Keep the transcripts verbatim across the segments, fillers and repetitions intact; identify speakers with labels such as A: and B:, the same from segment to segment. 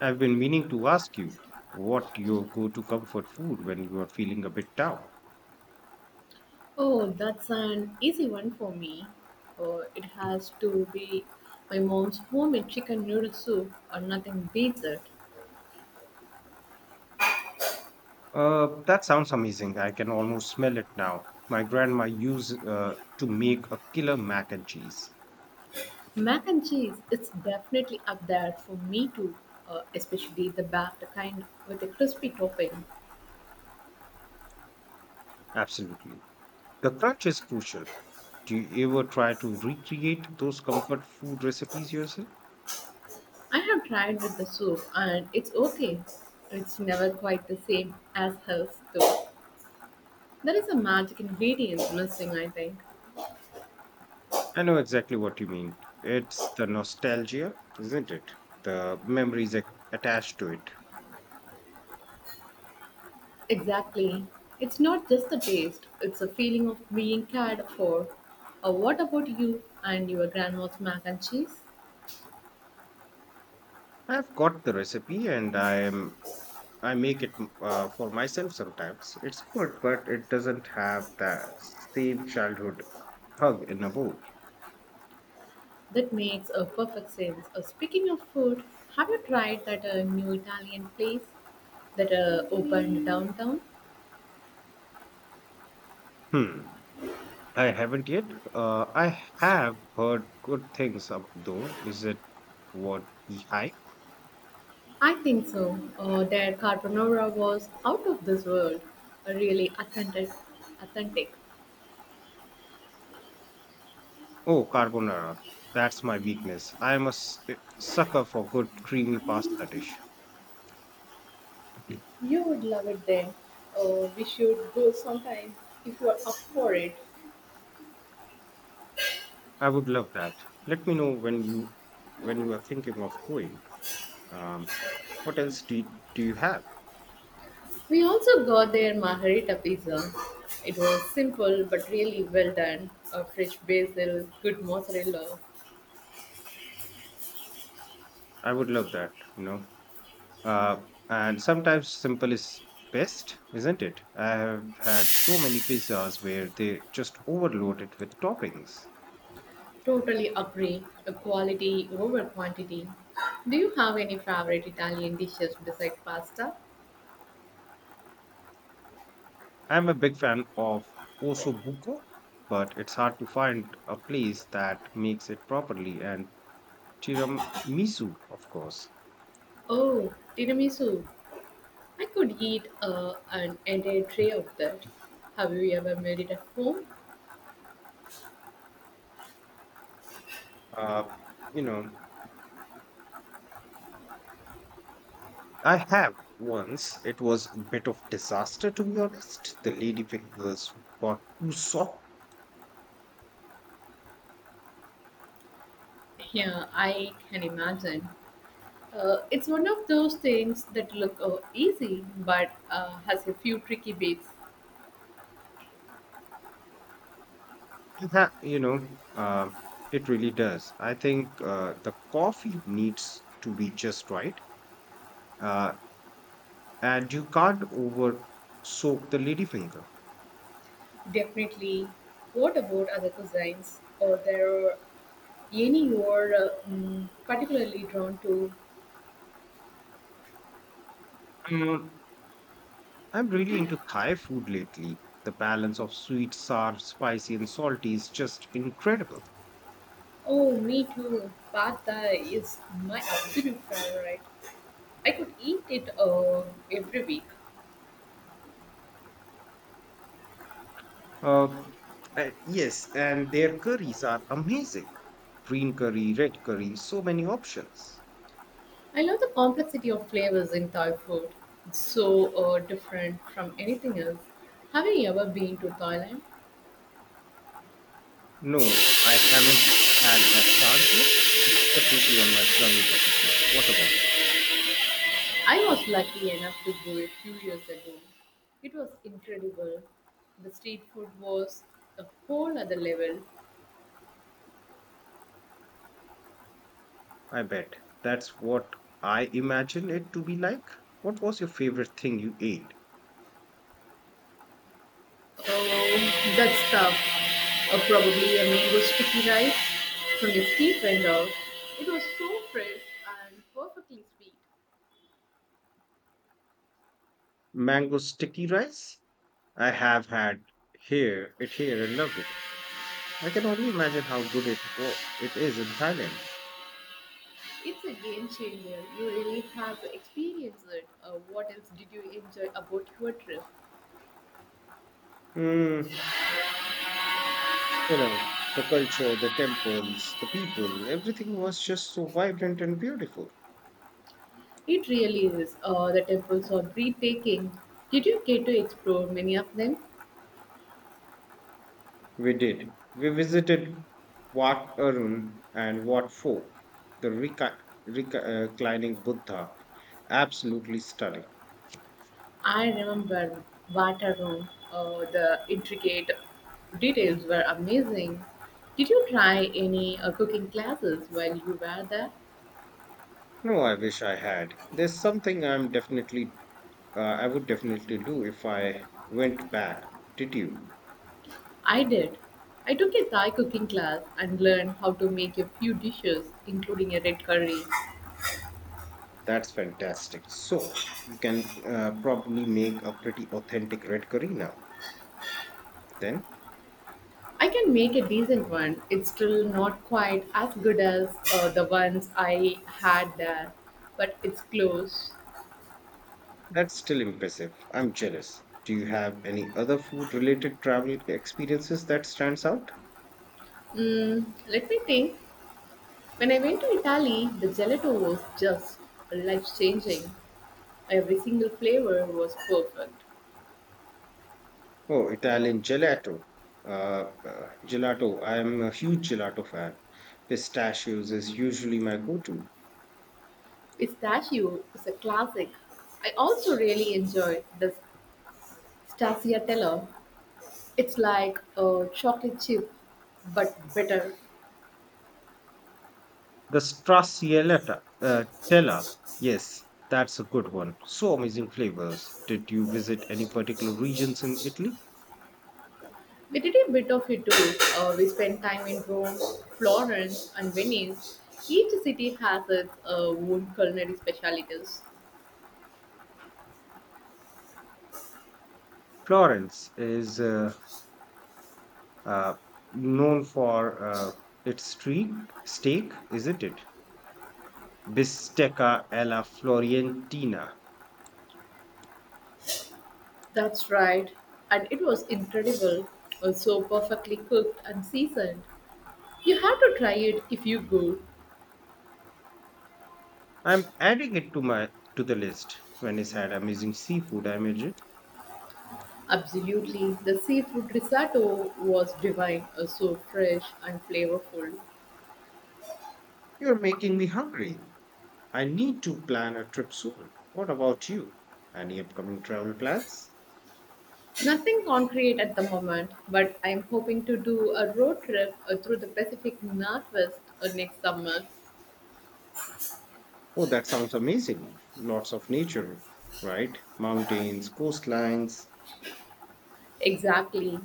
A: I've been meaning to ask you what your go to comfort food when you are feeling a bit down.
B: Oh, that's an easy one for me. Oh, it has to be my mom's homemade chicken noodle soup, or nothing beats it.
A: Uh, that sounds amazing. I can almost smell it now. My grandma used uh, to make a killer mac and cheese.
B: Mac and cheese, it's definitely up there for me too, uh, especially the baked kind with a crispy topping.
A: Absolutely. The crunch is crucial. Do you ever try to recreate those comfort food recipes yourself?
B: I have tried with the soup and it's okay. It's never quite the same as hers though. There is a magic ingredient missing, I think.
A: I know exactly what you mean. It's the nostalgia, isn't it? The memories ac- attached to it.
B: Exactly. It's not just the taste, it's a feeling of being cared for. Uh, what about you and your grandma's mac and cheese?
A: I've got the recipe and I am I make it uh, for myself sometimes. It's good, but it doesn't have the same childhood hug in a bowl.
B: That makes a perfect sense. Uh, speaking of food, have you tried that uh, new Italian place that uh, opened downtown?
A: Hmm. I haven't yet. Uh, I have heard good things ab- though. Is it what I?
B: I think so. Uh, their carbonara was out of this world. Uh, really authentic. authentic.
A: Oh, carbonara. That's my weakness. I am a s- sucker for good creamy pasta dish.
B: You would love it there. Uh, we should go sometime if you are up for it.
A: I would love that. Let me know when you when you are thinking of going. Um, what else do you, do you have?
B: We also got their margherita pizza. It was simple but really well done. A fresh basil, good mozzarella.
A: I would love that. You know. Uh, and sometimes simple is best, isn't it? I have had so many pizzas where they just overload it with toppings.
B: Totally agree. A quality over quantity. Do you have any favorite Italian dishes besides pasta?
A: I'm a big fan of osso buco, but it's hard to find a place that makes it properly. And tiramisu, of course.
B: Oh, tiramisu. I could eat uh, an entire tray of that. Have you ever made it at home?
A: Uh, you know, I have once. It was a bit of disaster, to be honest. The lady pickles got too soft.
B: Yeah, I can imagine. Uh, it's one of those things that look uh, easy but uh, has a few tricky bits.
A: It ha- you know, uh, it really does. I think uh, the coffee needs to be just right, uh, and you can't over soak the ladyfinger.
B: Definitely. What about other cuisines? Or there are any you're uh, mm, particularly drawn to?
A: Um, I'm really into Thai food lately. The balance of sweet, sour, spicy, and salty is just incredible.
B: Oh, me too. Pad Thai is my absolute favorite. I could eat it uh, every week.
A: Uh, uh, yes, and their curries are amazing. Green curry, red curry, so many options.
B: I love the complexity of flavors in Thai food. It's so uh, different from anything else. Have you ever been to Thailand?
A: No, I haven't had that chance yet. It's definitely on my travel bucket list. What about you?
B: I was lucky enough to go a few years ago. It was incredible. The street food was a whole other level.
A: I bet. That's what I imagine it to be like. What was your favorite thing you ate?
B: Oh, that's tough. Or probably a mango sticky rice from the street vendor. It was so fresh and perfectly sweet.
A: Mango sticky rice? I have had here it here and loved it. I can only imagine how good it wa- it is in Thailand.
B: It's a game changer. You really have to experience it. Uh, what else did you enjoy about your trip?
A: Mm, you know, the culture, the temples, the people, everything was just so vibrant and beautiful.
B: It really is. Uh, the temples are breathtaking. Did you get to explore many of them?
A: We did. We visited Wat Arun and Wat Pho, the reca- reca- uh, reclining Buddha. Absolutely stunning.
B: I remember Waterloo. Oh, the intricate details were amazing. Did you try any uh, cooking classes while you were there?
A: No, I wish I had. There's something I'm definitely, uh, I would definitely do if I went back. Did you?
B: I did. I took a Thai cooking class and learned how to make a few dishes, including a red curry.
A: That's fantastic. So you can uh, probably make a pretty authentic red curry now. Then
B: I can make a decent one. It's still not quite as good as uh, the ones I had there, but it's close.
A: that's still impressive. I'm jealous. Do you have any other food related travel experiences that stands out?
B: Mm, let me think. When I went to Italy, the gelato was just life changing. Every single flavor was perfect.
A: Oh, Italian gelato. Uh, uh, gelato. I am a huge gelato fan. Pistachios is usually my go-to.
B: Pistachio is a classic. I also really enjoyed the stracciatella. It's like a chocolate chip, but better.
A: The Stracciatella, uh, Tella. Yes, that's a good one. So amazing flavors. Did you visit any particular regions in Italy?
B: We did a bit of it too. Uh, we spent time in Rome, Florence, and Venice. Each city has its uh, own culinary specialties.
A: Florence is uh, uh, known for uh, its streak, steak, isn't it? Bistecca alla Florentina.
B: That's right. And it was incredible. Uh, So perfectly cooked and seasoned. You have to try it if you go.
A: I'm adding it to my to the list. When I said amazing seafood, I imagine
B: Absolutely. The seafood risotto was divine, uh, so fresh and flavorful.
A: you're making me hungry. I need to plan a trip soon. What about you? Any upcoming travel plans?
B: Nothing concrete at the moment, but I'm hoping to do a road trip uh, through the Pacific Northwest uh, next summer.
A: Oh, that sounds amazing. Lots of nature, right? Mountains, coastlines.
B: Exactly.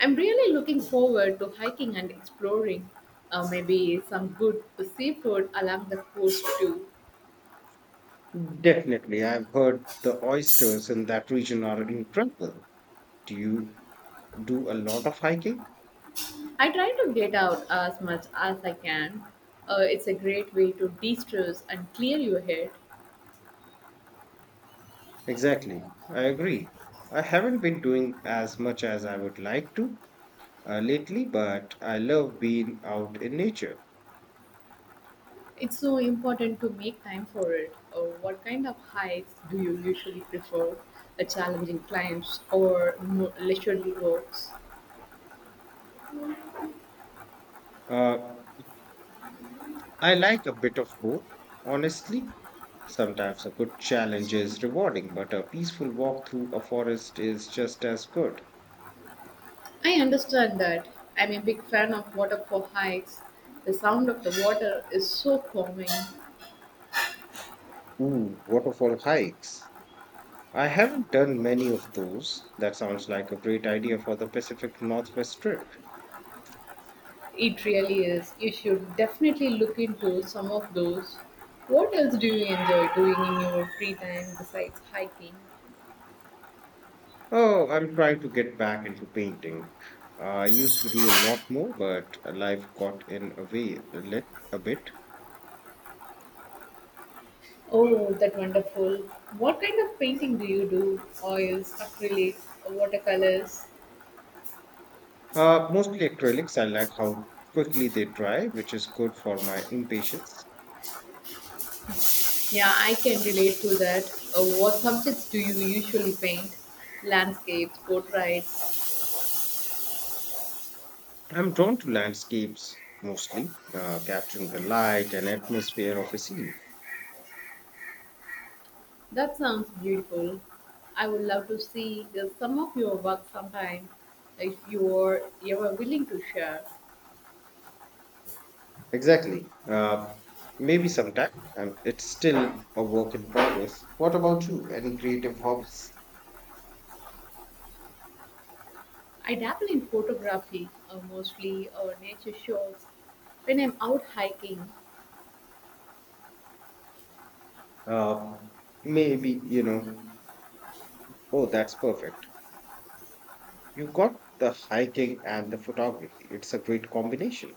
B: I'm really looking forward to hiking and exploring. Uh, maybe some good seafood along the coast too.
A: Definitely, I've heard the oysters in that region are incredible. Do you do a lot of hiking?
B: I try to get out as much as I can. Uh, it's a great way to de stress and clear your head.
A: Exactly. I agree. I haven't been doing as much as I would like to, uh, lately, but I love being out in nature.
B: It's so important to make time for it. Uh, what kind of hikes do you usually prefer? A challenging climbs or more leisurely walks?
A: Uh, I like a bit of both, honestly. Sometimes a good challenge is rewarding, but a peaceful walk through a forest is just as good.
B: I understand that. I'm a big fan of waterfall hikes. The sound of the water is so calming.
A: Ooh, waterfall hikes. I haven't done many of those. That sounds like a great idea for the Pacific Northwest trip.
B: It really is. You should definitely look into some of those. What else do you enjoy doing in your free time besides hiking?
A: Oh, I'm trying to get back into painting. Uh, I used to do a lot more, but life got in a way a, lit, a bit.
B: Oh, that wonderful. What kind of painting do you do? Oils, acrylics, watercolors?
A: Uh, mostly acrylics. I like how quickly they dry, which is good for my impatience.
B: Yeah, I can relate to that. Uh, what subjects do you usually paint? Landscapes, portraits.
A: I'm drawn to landscapes mostly, uh, capturing the light and atmosphere of a scene.
B: That sounds beautiful. I would love to see uh, some of your work sometime if you are ever willing to share.
A: Exactly. Uh, maybe sometime. Um, it's still a work in progress. What about you? Any creative hobbies?
B: I dabble in photography, uh, mostly uh, nature shots. When I'm out hiking,
A: Uh, maybe, you know. Oh, that's perfect. You got the hiking and the photography. It's a great combination.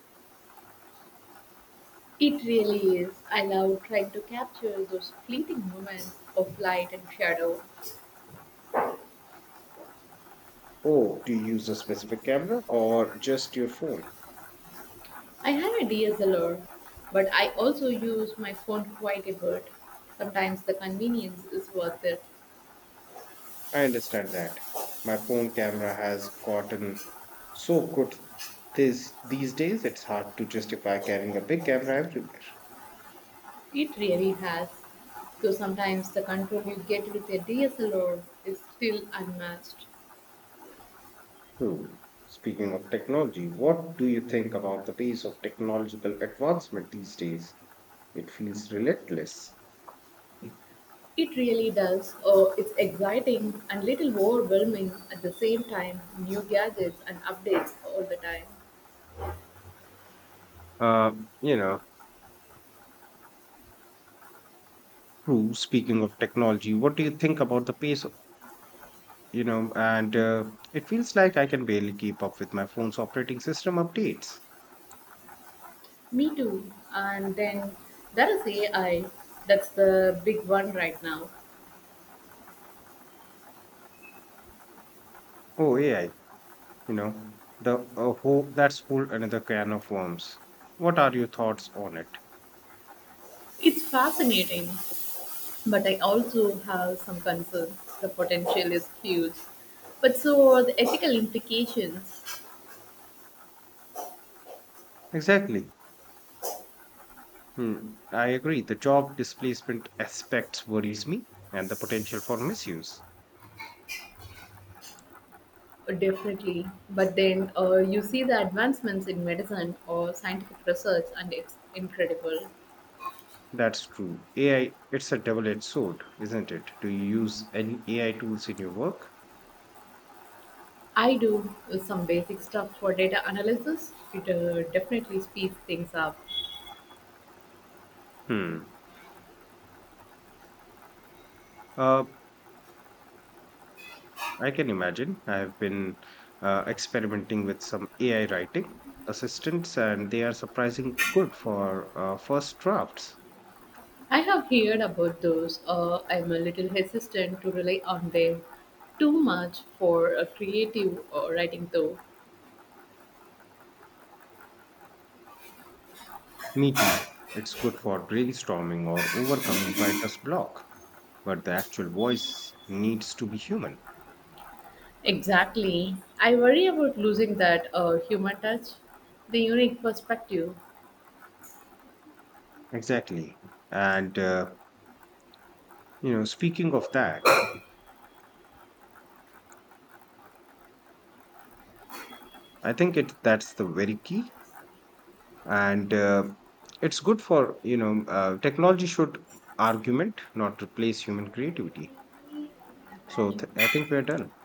B: it really is. I love trying to capture those fleeting moments of light and shadow.
A: Oh, do you use a specific camera or just your phone?
B: I have a D S L R, but I also use my phone quite a bit. Sometimes the convenience is worth it.
A: I understand that. My phone camera has gotten so good this these days it's hard to justify carrying a big camera everywhere.
B: It really has. Though sometimes the control you get with a D S L R is still unmatched.
A: True. Speaking of technology, what do you think about the pace of technological advancement these days? It feels relentless.
B: It really does. Oh, it's exciting and little overwhelming at the same time. New gadgets and updates all the time.
A: Uh, you know, True. Speaking of technology, what do you think about the pace? Of- You know, and uh, It feels like I can barely keep up with my phone's operating system updates.
B: Me too. And then there is A I. That's the big one right now.
A: Oh, A I. You know, the uh, whole that's whole another can of worms. What are your thoughts on it?
B: It's fascinating, but I also have some concerns. The potential is huge. But so are the ethical implications.
A: Exactly. Hmm. I agree. The job displacement aspects worries me and the potential for misuse.
B: Definitely. But then uh, you see the advancements in medicine or scientific research, and it's incredible.
A: That's true. A I, it's a double edged sword, isn't it? Do you use any A I tools in your work?
B: I do some basic stuff for data analysis. It uh, definitely speeds things up.
A: Hmm. Uh, I can imagine. I've been uh, experimenting with some A I writing assistants, and they are surprising good for uh, first drafts.
B: I have heard about those. Uh, I'm a little hesitant to rely on them too much for uh, creative uh, writing, though.
A: Me too. It's good for brainstorming or overcoming writer's block, but the actual voice needs to be human.
B: Exactly. I worry about losing that uh, human touch, the unique perspective.
A: Exactly. And, uh, you know, Speaking of that, I think it that's the very key, and uh, it's good for you know uh, technology should argument not replace human creativity. So th- I think we're done.